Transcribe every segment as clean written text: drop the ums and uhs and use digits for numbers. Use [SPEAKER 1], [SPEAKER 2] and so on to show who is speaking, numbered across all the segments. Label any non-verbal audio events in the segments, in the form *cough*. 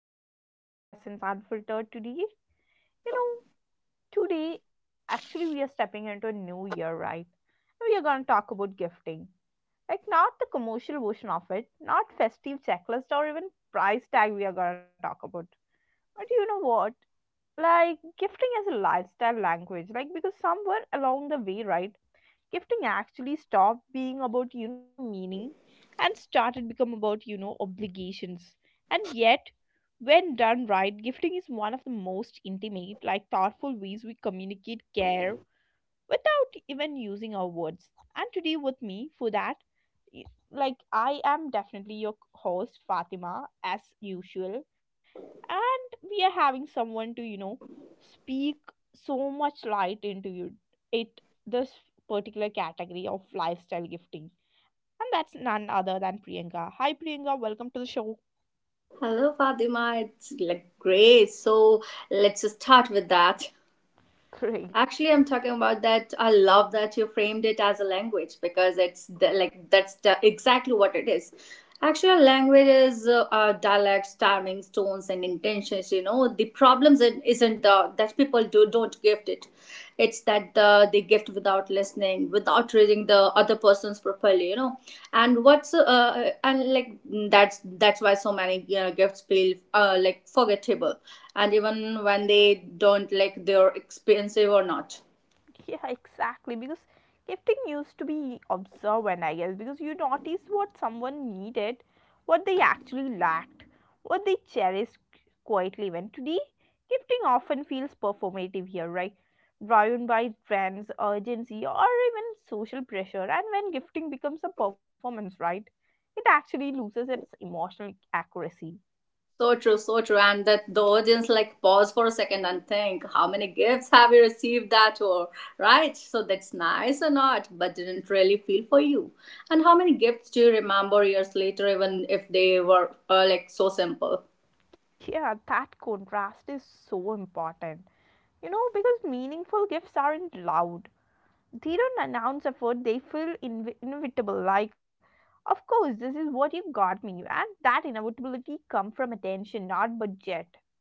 [SPEAKER 1] to another episode of Cousins Unfiltered. You know, today, actually we are stepping into a new year, right? And we are going to talk about gifting. Like, not the commercial version of it, not festive checklist or even price tag we are going to talk about. But you know what? Like, gifting is a lifestyle language. Like, because somewhere along the way, right? Gifting actually stopped being about meaning and started become about obligations, and yet when done right, gifting is one of the most intimate, like thoughtful ways we communicate care without even using our words. And today with me for that, like I am definitely your host Fatima as usual, and we are having someone to speak so much light into you it this particular category of lifestyle gifting, and that's none other than Priyanka. Hi Priyanka, welcome to the show.
[SPEAKER 2] Hello, Fatima. It's like great. So let's start with that.
[SPEAKER 1] *laughs* Great.
[SPEAKER 2] Actually, I'm talking about that. I love that you framed it as a language because it's the, like that's the, exactly what it is. Actually, language is dialects, timings, tones, and intentions. You know, the isn't the that people do don't gift it, it's that they gift without listening, without reading the other person's properly, you know. And what's and like that's why so many gifts feel like forgettable, and even when they don't, like they're expensive or not.
[SPEAKER 1] *laughs* Yeah, exactly. Because gifting used to be observant, I guess, because you notice what someone needed, what they actually lacked, what they cherished quietly. When today, gifting often feels performative here, right? Driven by trends, urgency, or even social pressure. And when gifting becomes a performance, right? It actually loses its emotional accuracy.
[SPEAKER 2] So true, so true. And that the audience, like, pause for a second and think, how many gifts have you received that, or right, so that's nice or not, but didn't really feel for you? And how many gifts do you remember years later, even if they were like so simple?
[SPEAKER 1] Yeah, that contrast is so important. You know, because meaningful gifts aren't loud, they don't announce effort, they feel inevitable, like of course this is what you got me, and that inevitability come from attention, not budget.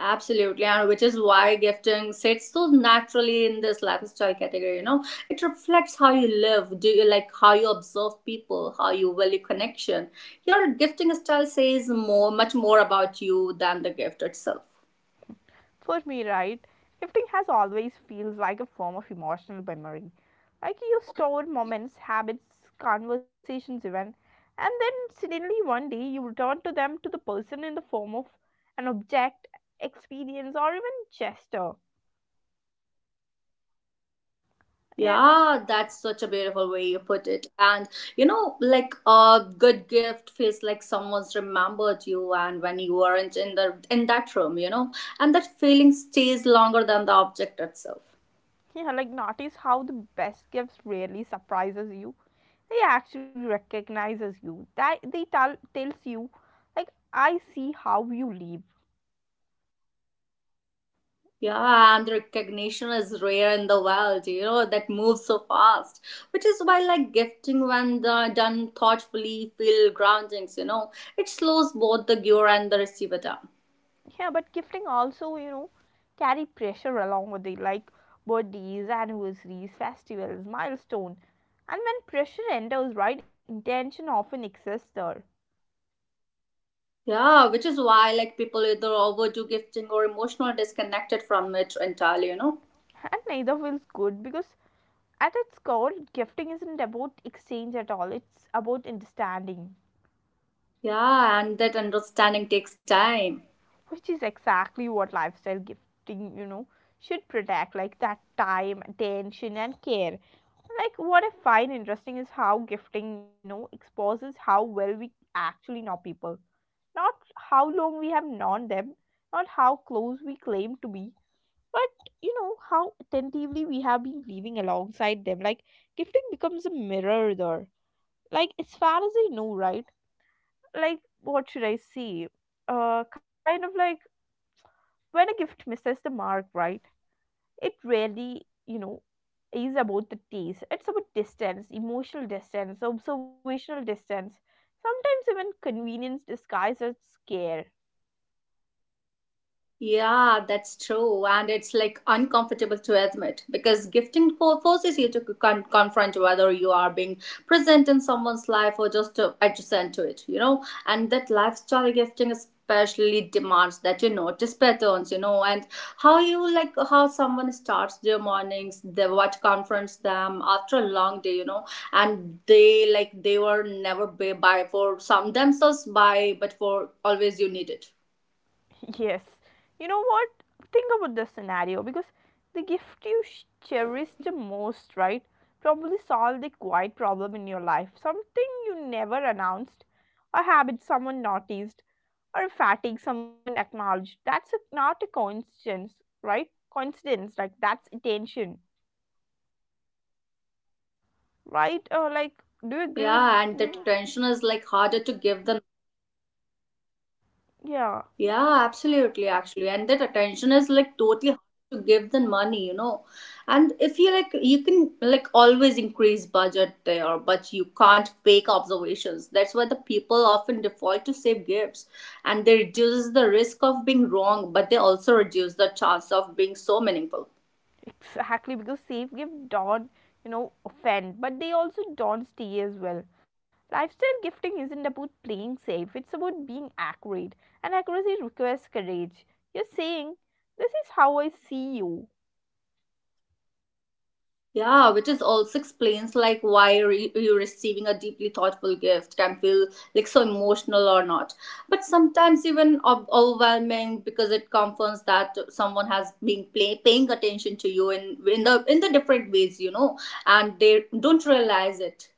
[SPEAKER 2] Absolutely, and which is why gifting sits so naturally in this lifestyle category. You know, it reflects how you live. Do you like how you observe people, how you value connection? Your gifting style says more, much more about you than the gift itself.
[SPEAKER 1] For me, right, gifting has always feels like a form of emotional memory, like you store moments, habits, conversations, even, and then suddenly one day you return to them to the person in the form of an object, experience, or even gesture. Yeah.
[SPEAKER 2] Yeah, that's such a beautiful way you put it. And you know, like a good gift feels like someone's remembered you, and when you weren't in that room, you know, and that feeling stays longer than the object itself.
[SPEAKER 1] Yeah, like notice how the best gifts rarely surprises you. They actually recognizes you. That they tell tells you, like I see how you live.
[SPEAKER 2] Yeah, and recognition is rare in the world, you know, that moves so fast. Which is why, like, gifting when done thoughtfully feel groundings, you know, it slows both the giver and the receiver down.
[SPEAKER 1] Yeah, but gifting also, you know, carry pressure along with it, like birthdays, anniversaries, festivals, milestone. And when pressure enters, right, intention often exists there.
[SPEAKER 2] Yeah, which is why, like, people either overdo gifting or emotional disconnected from it entirely, you know.
[SPEAKER 1] And neither feels good because at its core, gifting isn't about exchange at all. It's about understanding.
[SPEAKER 2] Yeah, and that understanding takes time.
[SPEAKER 1] Which is exactly what lifestyle gifting, you know, should protect, like that time, attention, and care. Like what I find interesting is how gifting, you know, exposes how well we actually know people. Not how long we have known them, not how close we claim to be, but, you know, how attentively we have been living alongside them. Like gifting becomes a mirror there. Like as far as I know, right, like what should I say, kind of like, when a gift misses the mark, right, it really, you know, is about the taste. It's about distance, emotional distance, observational distance, sometimes even convenience disguised as care. *laughs*
[SPEAKER 2] Yeah, that's true. And it's like uncomfortable to admit because gifting forces you to confront whether you are being present in someone's life or just adjacent to it, you know. And that lifestyle gifting especially demands that you notice patterns, you know, and how you like how someone starts their mornings, the what confronts them after a long day, you know, and they like they were never by, by for some themselves by, but for always you need it.
[SPEAKER 1] Yes, you know what? Think about the scenario because the gift you cherish the most, right, probably solved a quiet problem in your life, something you never announced, a habit someone noticed or fatigue someone acknowledged. That's a, not a coincidence, right? Coincidence, like that's attention, right? Or like, do you agree with
[SPEAKER 2] Yeah,
[SPEAKER 1] me?
[SPEAKER 2] and that attention is like harder to give than
[SPEAKER 1] Yeah,
[SPEAKER 2] yeah, absolutely, actually, and that attention is like totally harder to give than money, you know. And if you like, you can like always increase budget there, but you can't fake observations. That's why the people often default to save gifts, and they reduces the risk of being wrong, but they also reduce the chance of being so meaningful.
[SPEAKER 1] exactly. Because safe gift don't, you know, offend, but they also don't stay as well. Lifestyle gifting isn't about playing safe, it's about being accurate, and accuracy requires courage. You're saying, this is how I see you.
[SPEAKER 2] Yeah, which is also explains like why you receiving a deeply thoughtful gift can feel like so emotional or not. But sometimes even overwhelming because it confirms that someone has been paying attention to you in the different ways, you know, and they don't realize it.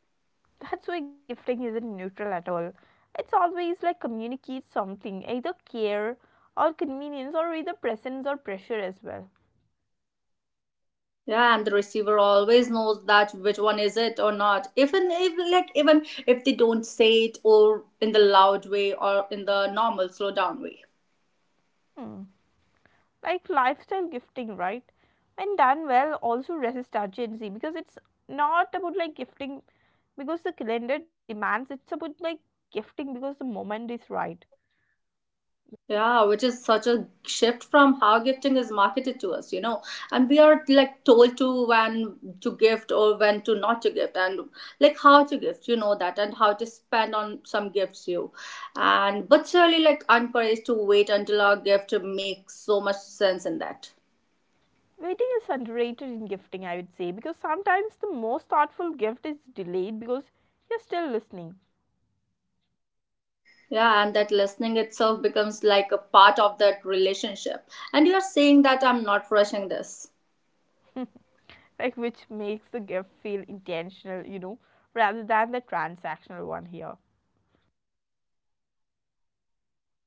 [SPEAKER 1] That's why gifting isn't neutral at all. It's always like communicates something, either care or convenience, or either presence or pressure as well.
[SPEAKER 2] Yeah, and the receiver always knows that which one is it or not. Even if like even if they don't say it, or in the loud way or in the normal slow down way.
[SPEAKER 1] Hmm. Like lifestyle gifting, right? When done well, also resists urgency because it's not about like gifting because the calendar demands, it's about like gifting because the moment is right.
[SPEAKER 2] Yeah, which is such a shift from how gifting is marketed to us, you know. And we are like told to when to gift or when to not to gift, and like how to gift, you know that, and how to spend on some gifts you. And but surely like encouraged to wait until our gift makes so much sense in that.
[SPEAKER 1] Waiting is underrated in gifting, I would say, because sometimes the most thoughtful gift is delayed because you're still listening.
[SPEAKER 2] Yeah, and that listening itself becomes like a part of that relationship. And you are saying that I'm not rushing this.
[SPEAKER 1] *laughs* Like, which makes the gift feel intentional, you know, rather than the transactional one here.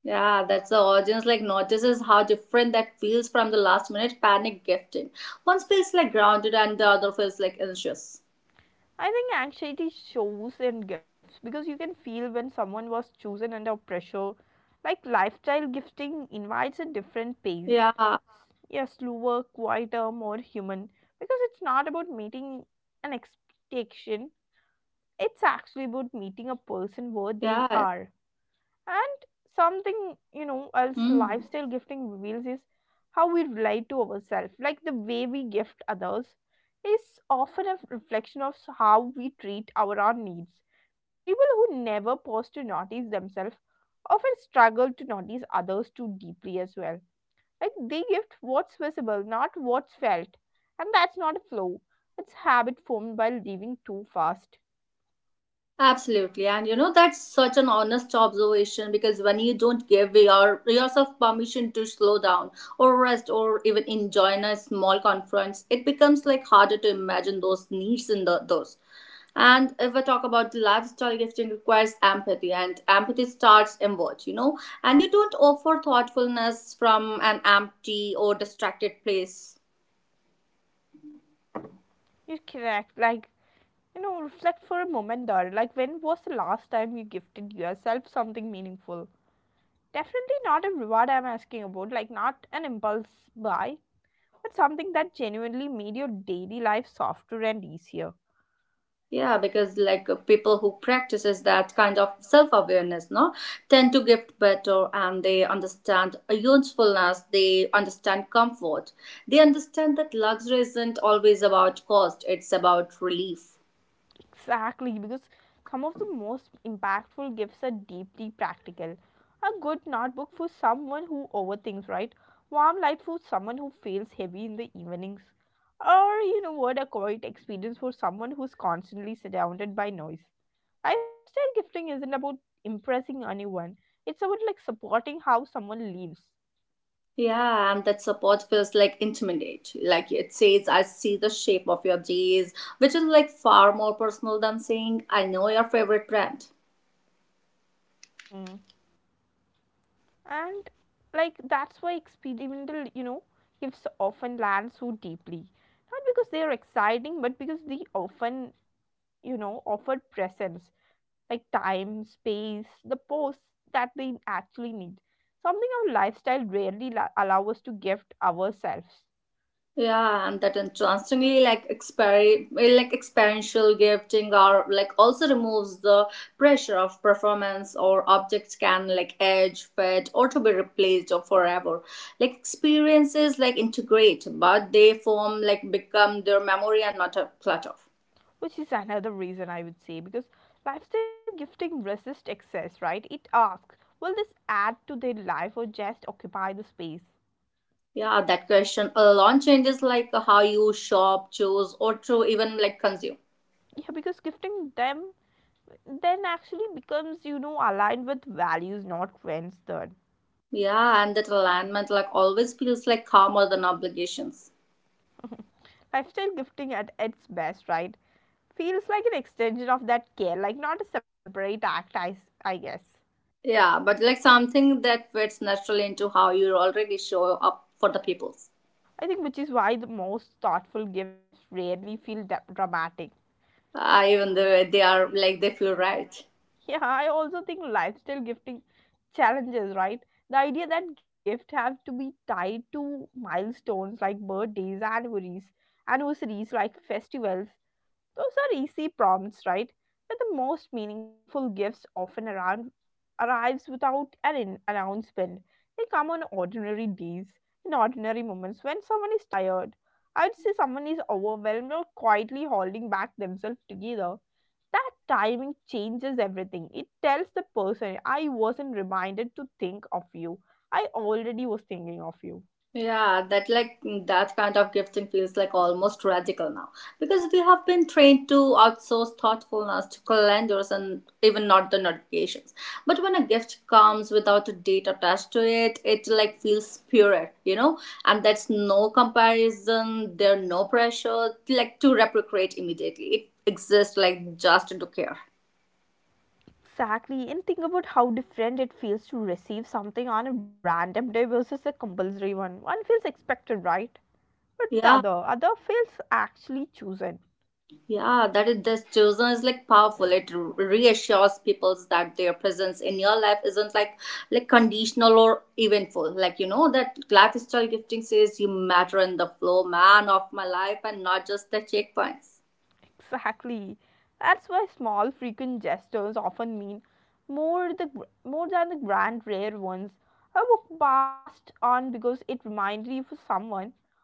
[SPEAKER 2] Yeah, that's the audience like notices how different that feels from the last minute panic gifting. One feels like grounded and the other feels like anxious.
[SPEAKER 1] I think anxiety shows in gifts because you can feel when someone was chosen under pressure. Like lifestyle gifting invites a different pace,
[SPEAKER 2] Yeah,
[SPEAKER 1] yeah, slower, quieter, more human, because it's not about meeting an expectation, it's actually about meeting a person where they
[SPEAKER 2] yeah.
[SPEAKER 1] are. And something, you know, else
[SPEAKER 2] Hmm.
[SPEAKER 1] lifestyle gifting reveals is how we relate to ourselves. Like the way we gift others is often a reflection of how we treat our own needs. People who never pause to notice themselves often struggle to notice others too deeply as well. Like they gift what's visible, not what's felt. And that's not a flow, it's habit formed by living too fast.
[SPEAKER 2] Absolutely. And you know, that's such an honest observation because when you don't give your, yourself permission to slow down or rest or even enjoy a small conference, it becomes like harder to imagine those needs in the, those. And if I talk about the lifestyle gifting requires empathy and empathy starts inward, you know, and you don't offer thoughtfulness from an empty or distracted place.
[SPEAKER 1] You're correct, like, you know, reflect for a moment, there. Like, when was the last time you gifted yourself something meaningful? Definitely not a reward I'm asking about, like, not an impulse buy, but something that genuinely made your daily life softer and easier.
[SPEAKER 2] Yeah, because like people who practices that kind of self-awareness, no, tend to gift better, and they understand a usefulness, they understand comfort. They understand that luxury isn't always about cost, it's about relief.
[SPEAKER 1] Exactly, because some of the most impactful gifts are deeply practical. A good notebook for someone who overthinks, right? Warm light for someone who feels heavy in the evenings, or you know what, a quiet experience for someone who's constantly surrounded by noise. Lifestyle gifting isn't about impressing anyone. It's about like supporting how someone lives.
[SPEAKER 2] Yeah, and that support feels like intimidate. Like it says, I see the shape of your days, which is like far more personal than saying, I know your favorite brand.
[SPEAKER 1] Mm. And like that's why experimental, you know, gifts often land so deeply. Not because they are exciting, but because they often, you know, offer presence, like time, space, the pose that they actually need. Something our lifestyle rarely allow us to gift ourselves.
[SPEAKER 2] Yeah, and that interestingly, like like experiential gifting, or like also removes the pressure of performance, or objects can like age, fade, or to be replaced or forever. Like experiences, like integrate, but they form like become their memory and not a clutter.
[SPEAKER 1] Which is another reason I would say, because lifestyle gifting resists excess, right? It asks, will this add to their life or just occupy the space?
[SPEAKER 2] Yeah, that question alone changes like how you shop, choose, or to even like consume.
[SPEAKER 1] Yeah, because gifting them then actually becomes, you know, aligned with values, not trends. Then
[SPEAKER 2] Yeah, and that alignment like always feels like calmer than obligations.
[SPEAKER 1] *laughs* lifestyle gifting at its best, right, feels like an extension of that care, like not a separate act. I guess.
[SPEAKER 2] Yeah, but like something that fits naturally into how you already show up for the peoples.
[SPEAKER 1] I think which is why the most thoughtful gifts rarely feel dramatic.
[SPEAKER 2] Even though they are like they feel right.
[SPEAKER 1] *laughs* Yeah, I also think lifestyle gifting challenges, right? The idea that gift have to be tied to milestones like birthdays, anniversaries, like festivals. Those are easy prompts, right? But the most meaningful gifts often around arrives without an announcement. They come on ordinary days, in ordinary moments when someone is tired. I'd say someone is overwhelmed or quietly holding back themselves together. That timing changes everything. It tells the person, I wasn't reminded to think of you. I already was thinking of you.
[SPEAKER 2] Yeah, that like that kind of gifting feels like almost radical now because we have been trained to outsource thoughtfulness to calendars and even not the notifications. But when a gift comes without a date attached to it, it like feels spirit, you know, and that's no comparison. There no pressure like to reciprocate immediately. It exists like just to care.
[SPEAKER 1] Exactly, and think about how different it feels to receive something on a random day versus a compulsory one. One feels expected, right? But the
[SPEAKER 2] Yeah.
[SPEAKER 1] other, feels actually chosen.
[SPEAKER 2] Yeah, that is this chosen is like powerful. It reassures people that their presence in your life isn't like conditional or eventful. Like you know that lifestyle gifting says you matter in the flow, man of my life, and not just the checkpoints.
[SPEAKER 1] Exactly. That's why small, frequent gestures often mean more than the grand, rare ones. I walked past on because it reminded you for someone.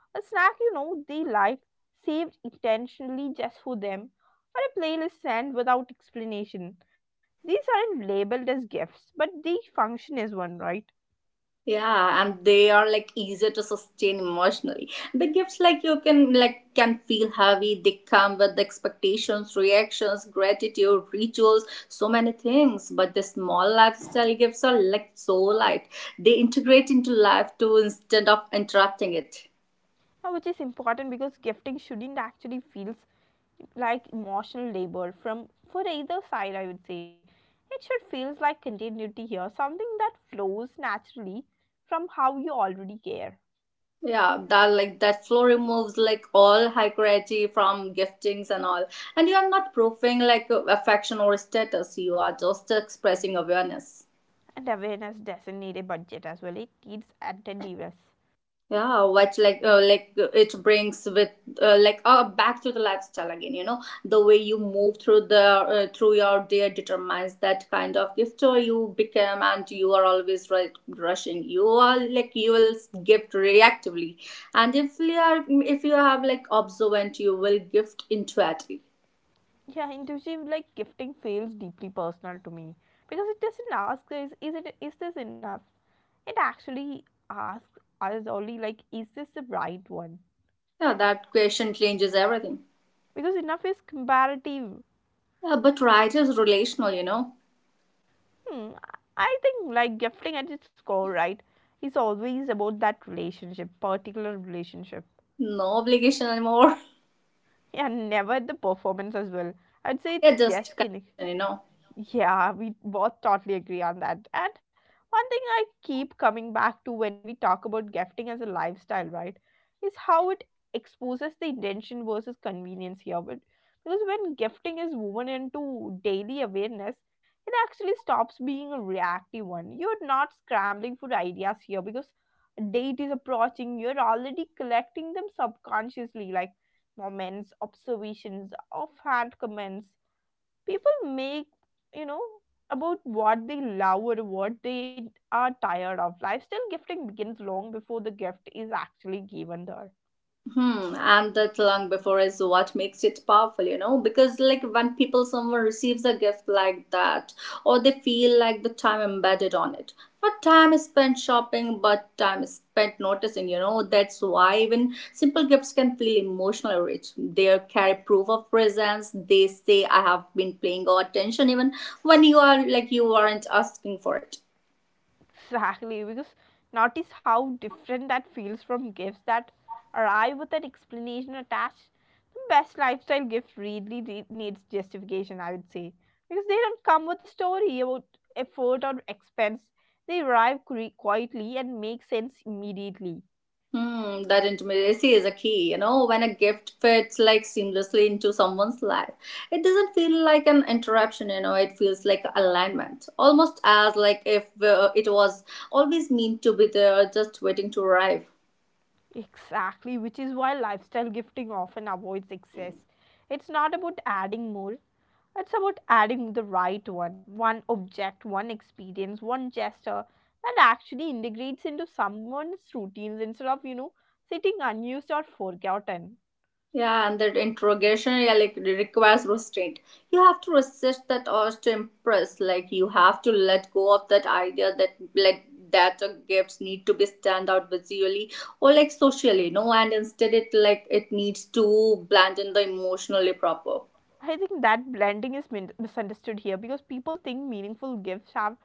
[SPEAKER 1] A snack you know they like, saved intentionally just for them, or a playlist sent without explanation. These aren't labeled as gifts, but they function as one, right?
[SPEAKER 2] Yeah, and they are like easier to sustain emotionally. The gifts like you can feel heavy, they come with expectations, reactions, gratitude, rituals, so many things, but the small lifestyle gifts are like so light, they integrate into life too instead of interrupting it.
[SPEAKER 1] Now, which is important because gifting shouldn't actually feel like emotional labor from for either side, I would say. It should feels like continuity here, something that flows naturally from how you already care.
[SPEAKER 2] Yeah, that like that flow removes like all hierarchy from giftings and all, and you are not proving like affection or status, you are just expressing awareness.
[SPEAKER 1] And awareness doesn't need a budget as well, it needs attentiveness.
[SPEAKER 2] Yeah, what's like it brings with back to the lifestyle again. You know, the way you move through the through your day determines that kind of gift so you become, and you are always right rushing. You are like you will gift reactively, and if you are if you have like observant, you will gift intuitively.
[SPEAKER 1] Yeah, intuitive like gifting feels deeply personal to me, because it doesn't ask, is this enough. It actually asks us only like, is this the right one?
[SPEAKER 2] Yeah, that question changes everything.
[SPEAKER 1] Because enough is comparative.
[SPEAKER 2] Yeah, but right is relational. You know,
[SPEAKER 1] Hmm, I think like gifting at its core, right, is always about that relationship, particular relationship,
[SPEAKER 2] no obligation anymore.
[SPEAKER 1] and never the performance as well. I'd say
[SPEAKER 2] *laughs* yeah,
[SPEAKER 1] it's
[SPEAKER 2] just
[SPEAKER 1] just connect.
[SPEAKER 2] connection. You know.
[SPEAKER 1] Yeah, we both totally agree on that. And one thing I keep coming back to when we talk about gifting as a lifestyle, right, is how it exposes the intention versus convenience here. But because when gifting is woven into daily awareness, it actually stops being a reactive one. You're not scrambling for ideas here because a date is approaching, you're already collecting them subconsciously, like moments, observations, offhand comments people make, you know, about what they love or what they are tired of. Lifestyle gifting begins long before the gift is actually given there.
[SPEAKER 2] Hmm, and that long before is what makes it powerful, you know, because like when people someone receives a gift like that, or they feel like the time embedded on it. Not time is spent shopping, but time is spent noticing, you know. That's why even simple gifts can feel emotionally rich. They carry proof of presence. They say I have been paying attention even when you are like you aren't asking for it.
[SPEAKER 1] Exactly, because notice how different that feels from gifts that arrive with an explanation attached. The best lifestyle gift really needs justification, I would say, because they don't come with a story about effort or expense. They arrive quietly and make sense immediately.
[SPEAKER 2] Hmm, that intimacy is a key. You know, when a gift fits like seamlessly into someone's life, it doesn't feel like an interruption. You know, it feels like alignment, almost as like if it was always meant to be there, just waiting to arrive.
[SPEAKER 1] Exactly, which is why lifestyle gifting often avoids excess. It's not about adding more, it's about adding the right one, one object, one experience, one gesture that actually integrates into someone's routines instead of, you know, sitting unused or forgotten.
[SPEAKER 2] Yeah, and that interrogation, yeah, like requires restraint. You have to resist that urge to impress. Like you have to let go of that idea that like that your gifts need to be stand out visually or like socially, no, and instead it like it needs to blend in the emotionally proper.
[SPEAKER 1] I think that blending is misunderstood here because people think meaningful gifts have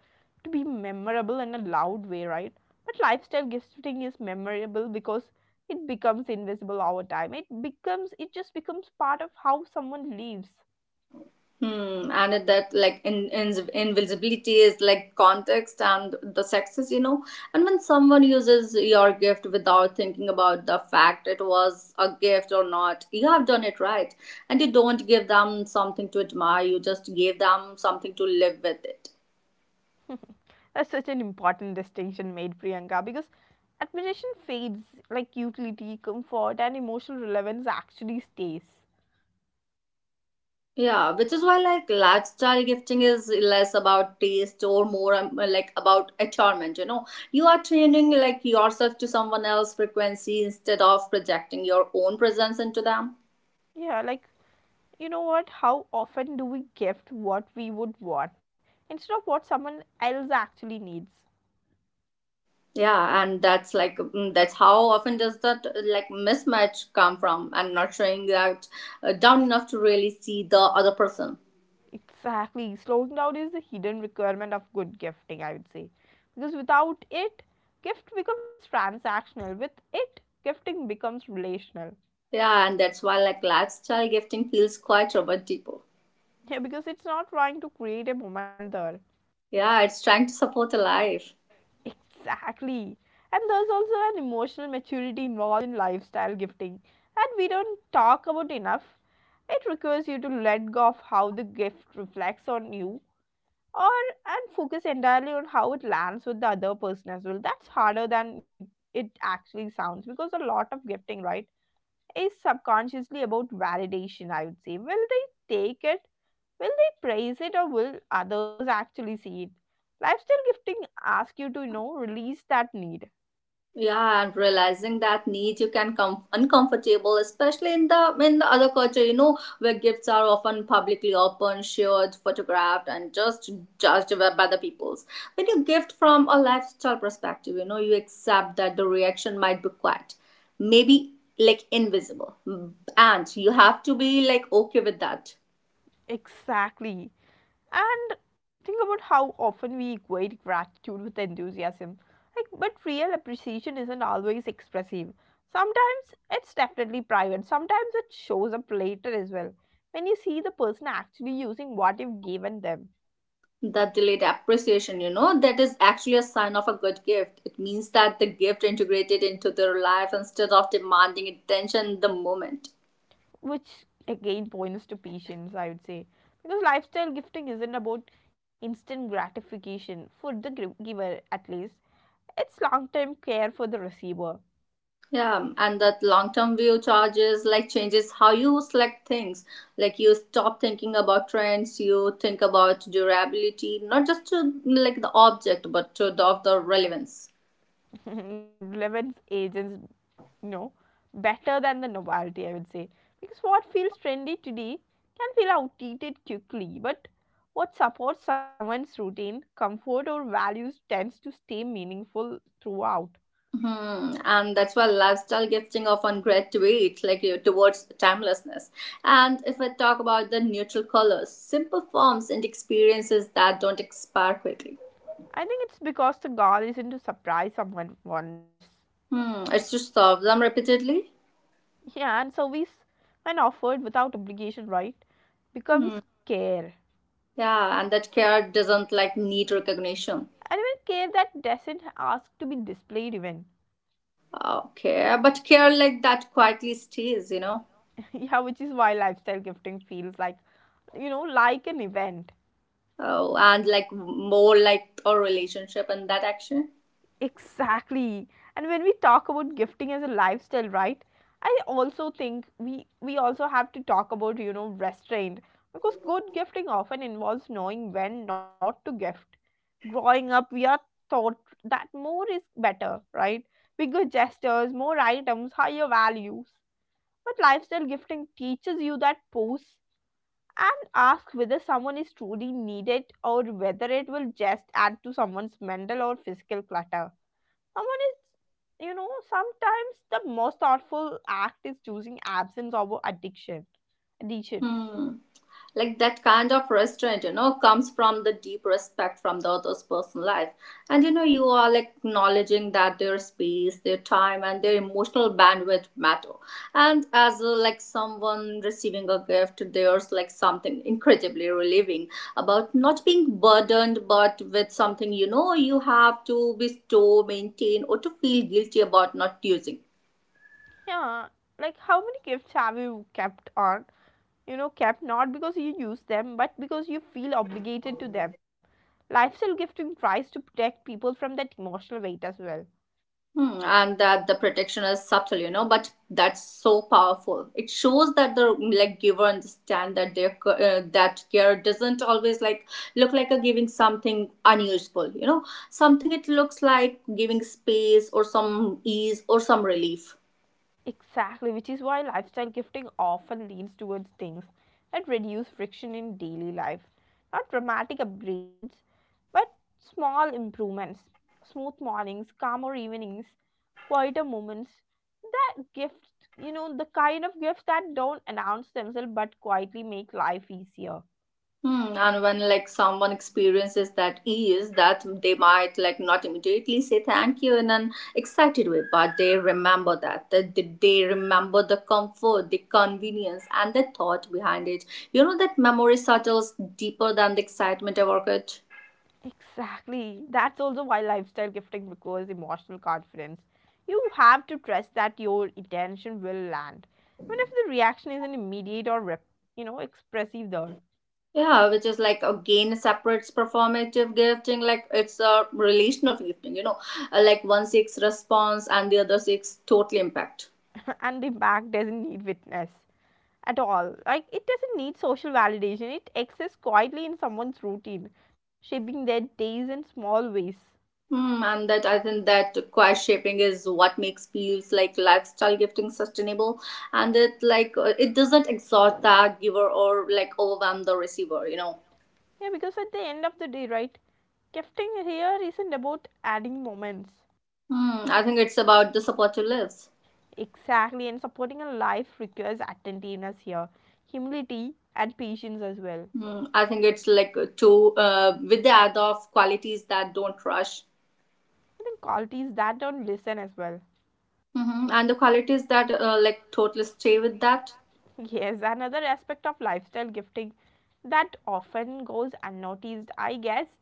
[SPEAKER 1] to be memorable in a loud way, right? But lifestyle gifting is memorable because it becomes invisible over time. It just becomes part of how someone lives.
[SPEAKER 2] Hmm, and it, that like invisibility is like context and the sexes, you know. And when someone uses your gift without thinking about the fact it was a gift or not, you have done it right. And you don't give them something to admire, you just gave them something to live with it.
[SPEAKER 1] That's such an important distinction made, Priyanka, because admiration fades, like utility, comfort, and emotional relevance actually stays.
[SPEAKER 2] Yeah, which is why like lifestyle gifting is less about taste or more like about attunement. You know, you are training like yourself to someone else's frequency instead of projecting your own presence into them.
[SPEAKER 1] Yeah, like you know what? How often do we gift what we would want instead of what someone else actually needs?
[SPEAKER 2] Yeah, and that's like mm, that's how often does that like mismatch come from, and not showing that down enough to really see the other person.
[SPEAKER 1] Exactly. Slowing down is the hidden requirement of good gifting, I would say. Because without it, gift becomes transactional. With it, gifting becomes relational.
[SPEAKER 2] Yeah, and that's why like lifestyle gifting feels quite romantic.
[SPEAKER 1] Yeah, because it's not trying to create a moment there.
[SPEAKER 2] Yeah, it's trying to support a life.
[SPEAKER 1] Exactly. And there's also an emotional maturity involved in lifestyle gifting that we don't talk about enough. It requires you to let go of how the gift reflects on you or and focus entirely on how it lands with the other person as well. That's harder than it actually sounds, because a lot of gifting, right, is subconsciously about validation, I would say. Will they take it? Will they praise it, or will others actually see it? Lifestyle gifting asks you to, release that need.
[SPEAKER 2] Yeah, and realizing that needs you can come uncomfortable, especially in the other culture, you know, where gifts are often publicly open, shared, photographed, and just judged by the peoples. When you gift from a lifestyle perspective, you accept that the reaction might be quiet, maybe invisible, and you have to be okay with that.
[SPEAKER 1] Exactly. And think about how often we equate gratitude with enthusiasm. Like, but real appreciation isn't always expressive. Sometimes it's definitely private, sometimes it shows up later as well. When you see the person actually using what you've given them,
[SPEAKER 2] That delayed appreciation, that is actually a sign of a good gift. It means that the gift integrated into their life instead of demanding attention in the moment.
[SPEAKER 1] which again points to patience, I would say. Because lifestyle gifting isn't about instant gratification for the giver, at least. It's long term care for the receiver.
[SPEAKER 2] Yeah, and that long term view charges like changes how you select things. Like you stop thinking about trends, you think about durability, not just to like the object, but to the, of the relevance.
[SPEAKER 1] *laughs* Relevance agents, you know, better than the novelty, I would say. Because what feels trendy today can feel outdated quickly, but what supports someone's routine, comfort, or values tends to stay meaningful throughout.
[SPEAKER 2] Hmm, and that's why lifestyle gifting often graduates like towards timelessness. And if I talk about the neutral colors, simple forms and experiences that don't expire quickly.
[SPEAKER 1] I think it's because the goal isn't to surprise someone once.
[SPEAKER 2] Hmm, it's to solve them repeatedly.
[SPEAKER 1] Yeah, and service, when offered without obligation, right,
[SPEAKER 2] Hmm,
[SPEAKER 1] becomes care.
[SPEAKER 2] yeah, and that care doesn't like need recognition.
[SPEAKER 1] And even care that doesn't ask to be displayed, even.
[SPEAKER 2] Okay, but care like that quietly stays,
[SPEAKER 1] *laughs* Yeah, which is why lifestyle gifting feels like, you know, like an event.
[SPEAKER 2] Oh, and like more like a relationship and that action.
[SPEAKER 1] Exactly. And when we talk about gifting as a lifestyle, right, I also think we also have to talk about, you know, restraint. Because good gifting often involves knowing when not to gift. Growing up, we are taught that more is better, right? Bigger gestures, more items, higher values. But lifestyle gifting teaches you that pause and ask whether someone is truly needed or whether it will just add to someone's mental or physical clutter. Someone is, you know, Sometimes the most thoughtful act is choosing absence over addiction.
[SPEAKER 2] Hmm. Like that kind of restraint comes from the deep respect from the other's personal life, and you are like acknowledging that their space, their time and their emotional bandwidth matter. And as like someone receiving a gift, there's like something incredibly relieving about not being burdened but with something you have to bestow maintain or to feel guilty about not using.
[SPEAKER 1] Yeah. Like, how many gifts have you kept on? You know, kept not because you use them, but because you feel obligated to them. Lifestyle gifting tries to protect people from that emotional weight as well.
[SPEAKER 2] Hmm, and that the protection is subtle, but that's so powerful. It shows that the like giver understand that their that care doesn't always like look like a giving something unusual, something it looks like giving space or some ease or some relief.
[SPEAKER 1] Exactly, which is why lifestyle gifting often leans towards things that reduce friction in daily life. Not dramatic upgrades, but small improvements, smooth mornings, calmer evenings, quieter moments. That gift, you know, the kind of gifts that don't announce themselves but quietly make life easier.
[SPEAKER 2] Hmm, and when like someone experiences that ease, that they might like not immediately say thank you in an excited way, but they remember that, that they remember the comfort, the convenience, and the thought behind it. You know that memory settles deeper than the excitement about it.
[SPEAKER 1] Exactly. That's also why lifestyle gifting requires emotional confidence. You have to trust that your intention will land. Even if the reaction isn't immediate or rep, you know, expressive there.
[SPEAKER 2] Yeah, which is like again separates performative gifting, like it's a relational gifting. Like one seeks response and the other seeks total impact.
[SPEAKER 1] *laughs* And the impact doesn't need witness at all. Like, it doesn't need social validation. It exists quietly in someone's routine, shaping their days in small ways.
[SPEAKER 2] Hmm, and that I think that quiet shaping is what makes feels like lifestyle gifting sustainable, and it it doesn't exhaust the giver or like overwhelm the receiver.
[SPEAKER 1] Yeah, because at the end of the day, right, gifting here isn't about adding moments.
[SPEAKER 2] Hmm, I think it's about the supportive lives.
[SPEAKER 1] Exactly, and supporting a life requires attentiveness here, humility, and patience as well.
[SPEAKER 2] Hmm, I think it's like to with the add of qualities that don't rush,
[SPEAKER 1] I think qualities that don't listen as well. *laughs*
[SPEAKER 2] hmm and the qualities that like totally stay with that.
[SPEAKER 1] Yes, another aspect of lifestyle gifting that often goes unnoticed, I guess.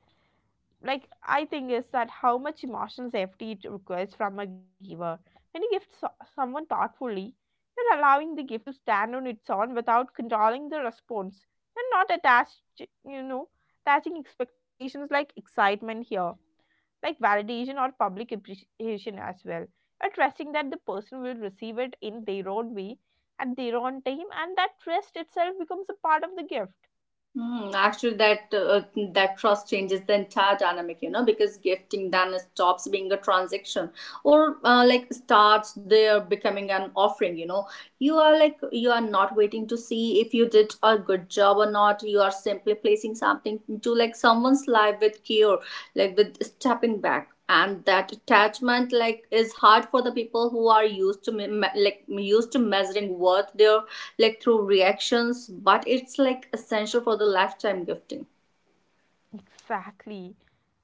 [SPEAKER 1] Like, I think is that how much emotional safety it requires from a giver. When you gift someone thoughtfully, you're allowing the gift to stand on its own without controlling the response and not attached, you know, attaching expectations like excitement here, like validation or public appreciation as well. You're trusting that the person will receive it in their own way at their own time, and that trust itself becomes a part of the gift.
[SPEAKER 2] Hmm, actually, that trust changes the entire dynamic. Because gifting then stops being a transaction or like starts there becoming an offering. You are like you are not waiting to see if you did a good job or not, you are simply placing something into like someone's life with care, like with stepping back, and that attachment like is hard for the people who are used to like used to measuring worth their like through reactions, but it's like essential for the lifetime gifting.
[SPEAKER 1] Exactly.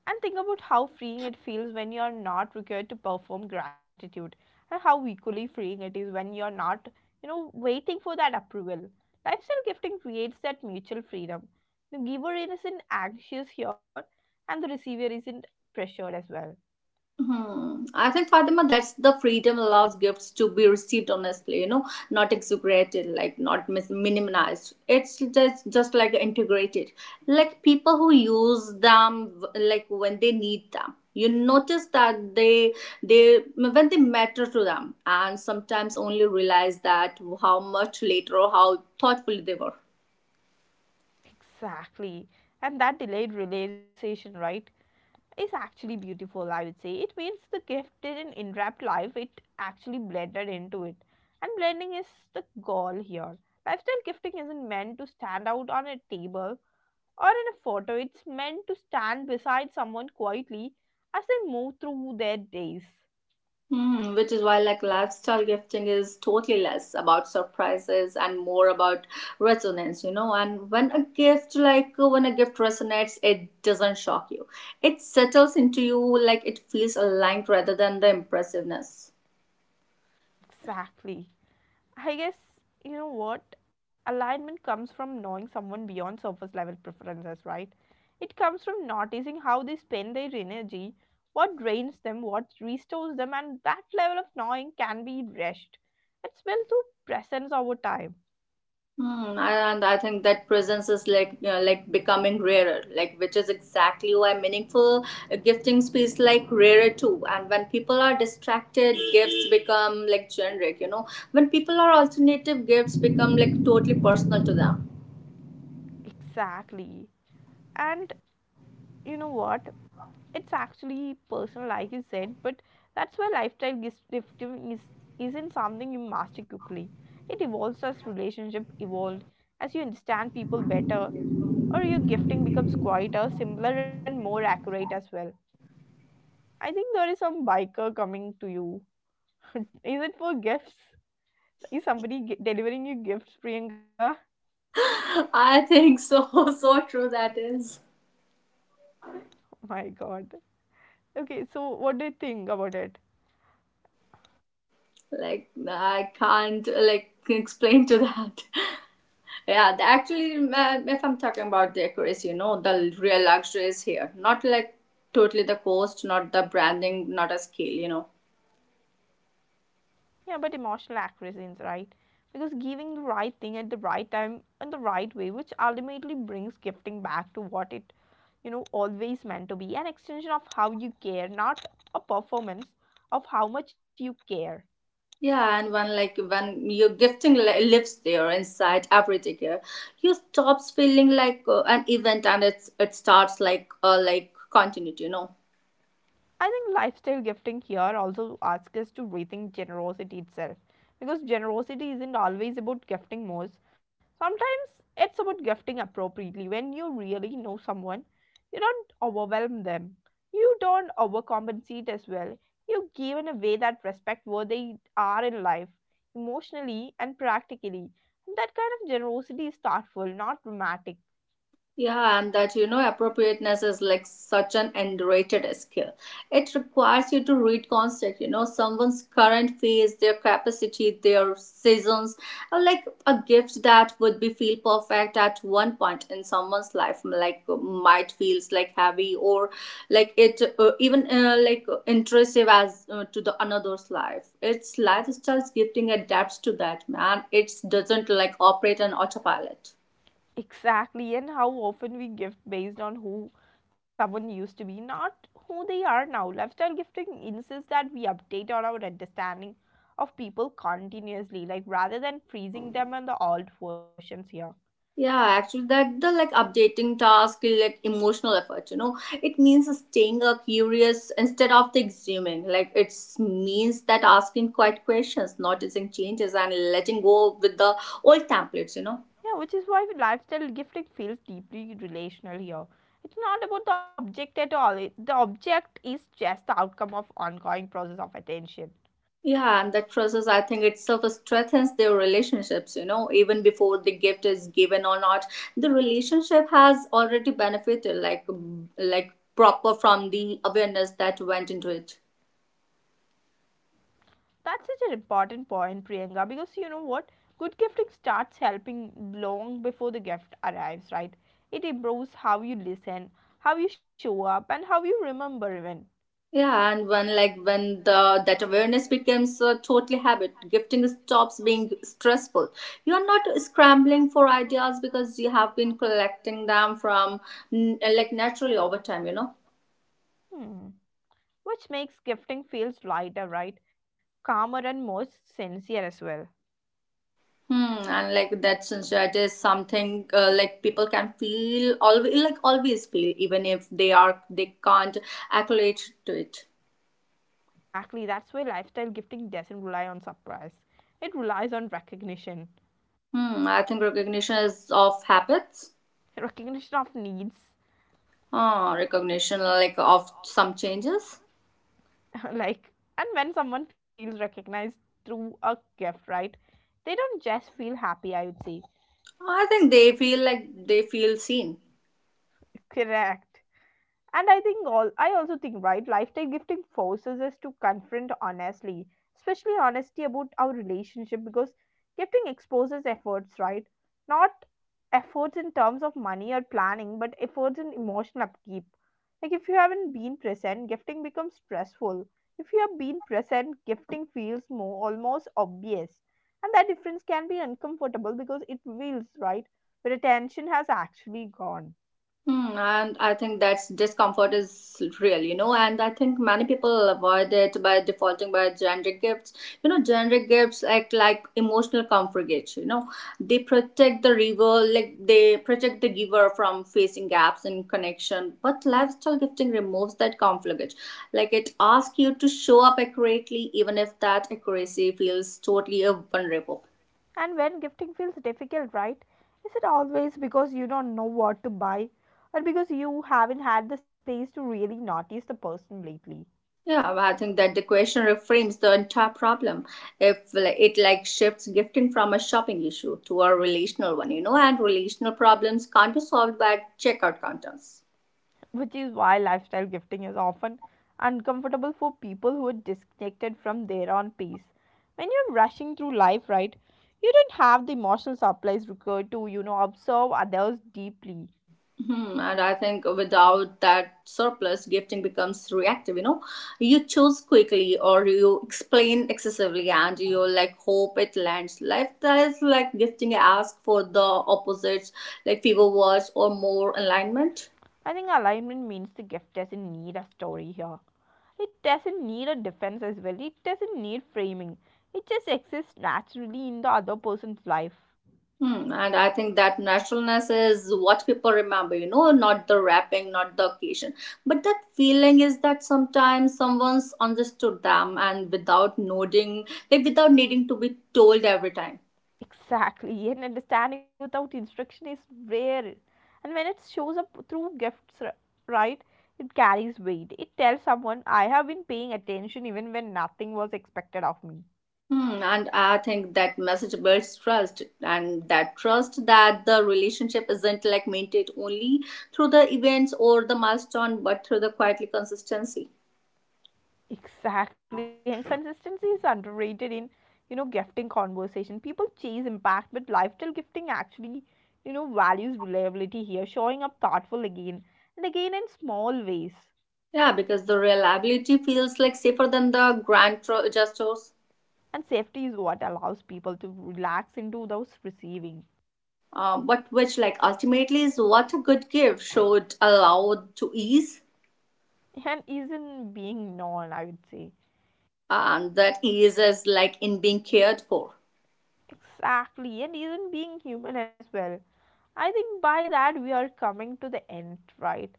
[SPEAKER 1] And think about how freeing it feels when you're not required to perform gratitude, and how equally freeing it is when you're not, you know, waiting for that approval. Lifestyle gifting creates that mutual freedom. The giver isn't anxious here, and the receiver isn't pressured as well.
[SPEAKER 2] Hmm. I think Fatima, that's the freedom allows gifts to be received honestly, not exaggerated, like not minimized. It's just like integrated, like people who use them like when they need them. You notice that they when they matter to them, and sometimes only realize that how much later or how thoughtful they were.
[SPEAKER 1] Exactly. And that delayed realization, right, is actually beautiful, I would say. It means the gift didn't interrupt life, it actually blended into it. And blending is the goal here. Lifestyle gifting isn't meant to stand out on a table or in a photo, it's meant to stand beside someone quietly as they move through their days.
[SPEAKER 2] Hmm, which is why like lifestyle gifting is totally less about surprises and more about resonance. And when a gift when a gift resonates it doesn't shock you, it settles into you, like it feels aligned rather than the impressiveness.
[SPEAKER 1] Exactly. I guess, you know what, alignment comes from knowing someone beyond surface level preferences, right? It comes from noticing how they spend their energy, what drains them, what restores them, and that level of knowing can be rushed. It's built through presence over time.
[SPEAKER 2] Hmm, I- and I think that presence is like becoming rarer, like which is exactly why meaningful gifting feels like rarer too. And when people are distracted, gifts become like generic. When people are alternative, gifts become like totally personal to them.
[SPEAKER 1] Exactly. And you know what? It's actually personal like you said, but that's why lifestyle gifting is isn't something you master quickly. It evolves as relationship evolved, as you understand people better, or your gifting becomes quieter, simpler, and more accurate as well. I think there is some biker coming to you. *laughs* Is it for gifts? Is somebody delivering you gifts, Priyanka?
[SPEAKER 2] *laughs* I think so. *laughs* So true that is.
[SPEAKER 1] *laughs* My god. Okay, so what do you think about it?
[SPEAKER 2] Like I can't like explain to that. *laughs* Yeah, actually, if I'm talking about the accuracy, the real luxury is here. Not like totally the cost, not the branding, not a scale,
[SPEAKER 1] Yeah, but emotional accuracy is right. Because giving the right thing at the right time in the right way, which ultimately brings gifting back to what it, you know, always meant to be, an extension of how you care, not a performance of how much you care.
[SPEAKER 2] Yeah, and when like when your gifting lives there inside every ticket, you stops feeling like an event and it starts like continuity,
[SPEAKER 1] I think lifestyle gifting here also asks us to rethink generosity itself, because generosity isn't always about gifting more. Sometimes it's about gifting appropriately. When you really know someone, you don't overwhelm them, you don't overcompensate as well. You give in a way that respects where they are in life, emotionally and practically. And that kind of generosity is thoughtful, not dramatic.
[SPEAKER 2] Yeah, and that appropriateness is like such an underrated skill. It requires you to read context, someone's current phase, their capacity, their seasons, are like a gift that would be feel perfect at one point in someone's life, like might feels like heavy or like it even like intrusive as to the another's life. It's lifestyles gifting adapts to that man. It doesn't like operate on autopilot.
[SPEAKER 1] Exactly, and how often we gift based on who someone used to be, not who they are now. Lifestyle gifting insists that we update on our understanding of people continuously, like rather than freezing them on the old versions here.
[SPEAKER 2] Yeah, actually, that the like updating task is like emotional effort. It means staying up curious instead of the exhuming. Like it means that asking quiet questions, noticing changes, and letting go with the old templates.
[SPEAKER 1] Yeah, which is why lifestyle gifting feels deeply relational here. It's not about the object at all. It, the object is just the outcome of ongoing process of attention.
[SPEAKER 2] Yeah, and that process, I think itself strengthens their relationships. Even before the gift is given or not, the relationship has already benefited. Like proper from the awareness that went into it.
[SPEAKER 1] That's such an important point, Priyanka, because you know what? Good gifting starts helping long before the gift arrives, right? It improves how you listen, how you show up, and how you remember even.
[SPEAKER 2] Yeah, and when like when the that awareness becomes a totally habit, gifting stops being stressful. You are not scrambling for ideas because you have been collecting them from like naturally over time,
[SPEAKER 1] Hmm. Which makes gifting feels lighter, right? Calmer and more sincere as well.
[SPEAKER 2] Hmm, and like that sincerity is something like people can feel always like always feel even if they are they can't accolade to it.
[SPEAKER 1] Actually, that's why lifestyle gifting doesn't rely on surprise. It relies on recognition.
[SPEAKER 2] Hmm, I think recognition is of habits.
[SPEAKER 1] *laughs* Recognition of needs.
[SPEAKER 2] Ah, recognition like of some changes.
[SPEAKER 1] *laughs* Like, and when someone feels recognized through a gift, right, they don't just feel happy, I would say.
[SPEAKER 2] I think they feel like they feel seen.
[SPEAKER 1] Correct. And I think all I also think, right, lifetime gifting forces us to confront honestly, especially honesty about our relationship, because gifting exposes efforts, right? Not efforts in terms of money or planning, but efforts in emotional upkeep. Like, if you haven't been present, gifting becomes stressful. If you have been present, gifting feels more almost obvious. And that difference can be uncomfortable because it reveals, right, where attention has actually gone.
[SPEAKER 2] Hmm, and I think that's discomfort is real, And I think many people avoid it by defaulting by generic gifts. Generic gifts act like emotional comfort gates. They protect the giver, like they protect the giver from facing gaps in connection. But lifestyle gifting removes that comfort gate. Like it asks you to show up accurately, even if that accuracy feels totally vulnerable.
[SPEAKER 1] And when gifting feels difficult, right? Is it always because you don't know what to buy, or because you haven't had the space to really notice the person lately?
[SPEAKER 2] Yeah, I think that the question reframes the entire problem. If like, it like shifts gifting from a shopping issue to a relational one, and relational problems can't be solved by checkout counters.
[SPEAKER 1] Which is why lifestyle gifting is often uncomfortable for people who are disconnected from their own pace. When you're rushing through life, right? You don't have the emotional supplies required to, you know, observe others deeply.
[SPEAKER 2] Hmm, and I think without that surplus, gifting becomes reactive. You choose quickly or you explain excessively, and you like hope it lands. Like that is like gifting ask for the opposites, like fewer words or more alignment.
[SPEAKER 1] I think alignment means the gift doesn't need a story here. It doesn't need a defense as well, it doesn't need framing. It just exists naturally in the other person's life.
[SPEAKER 2] Hmm, and I think that naturalness is what people remember, not the wrapping, not the occasion. But that feeling is that sometimes someone's understood them and without nodding, like without needing to be told every time.
[SPEAKER 1] Exactly, and understanding without instruction is rare. And when it shows up through gifts, right, it carries weight. It tells someone, I have been paying attention even when nothing was expected of me.
[SPEAKER 2] Hmm, and I think that message builds trust, and that trust that the relationship isn't like maintained only through the events or the milestone, but through the quietly consistency.
[SPEAKER 1] Exactly, and consistency is underrated in, you know, gifting conversation. People chase impact, but lifestyle gifting actually, you know, values reliability here, showing up thoughtful again and again in small ways.
[SPEAKER 2] Yeah, because the reliability feels like safer than the grand gestures.
[SPEAKER 1] And safety is what allows people to relax into those receiving
[SPEAKER 2] But which like ultimately is what a good gift should allow to ease,
[SPEAKER 1] and isn't being known, I would say.
[SPEAKER 2] and that ease is like in being cared for.
[SPEAKER 1] Exactly, and isn't being human as well. I think by that we are coming to the end, right?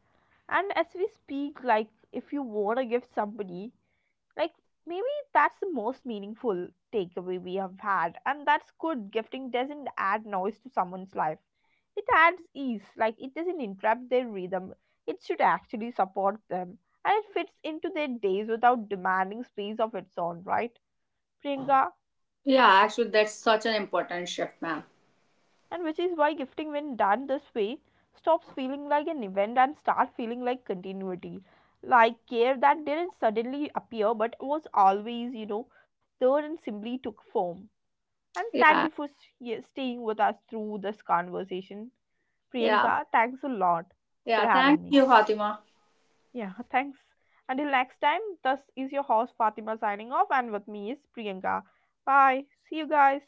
[SPEAKER 1] And as we speak, like, if you want to give somebody, like, maybe that's the most meaningful takeaway we have had, and that's good gifting doesn't add noise to someone's life, it adds ease. Like, it doesn't interrupt their rhythm, it should actually support them, and it fits into their days without demanding space of its own, right, Priyanka?
[SPEAKER 2] Yeah, actually that's such an important shift, ma'am.
[SPEAKER 1] And which is why gifting, when done this way, stops feeling like an event and start feeling like continuity, like care that didn't suddenly appear but was always, you know, there and simply took form. And thank you
[SPEAKER 2] Yeah,
[SPEAKER 1] for staying with us through this conversation.
[SPEAKER 2] yeah,
[SPEAKER 1] Priyanka, thanks a lot for
[SPEAKER 2] yeah,
[SPEAKER 1] having
[SPEAKER 2] thank
[SPEAKER 1] me.
[SPEAKER 2] you Fatima.
[SPEAKER 1] Yeah, thanks. Until next time, this is your host Fatima signing off, and with me is Priyanka. Bye. See you guys.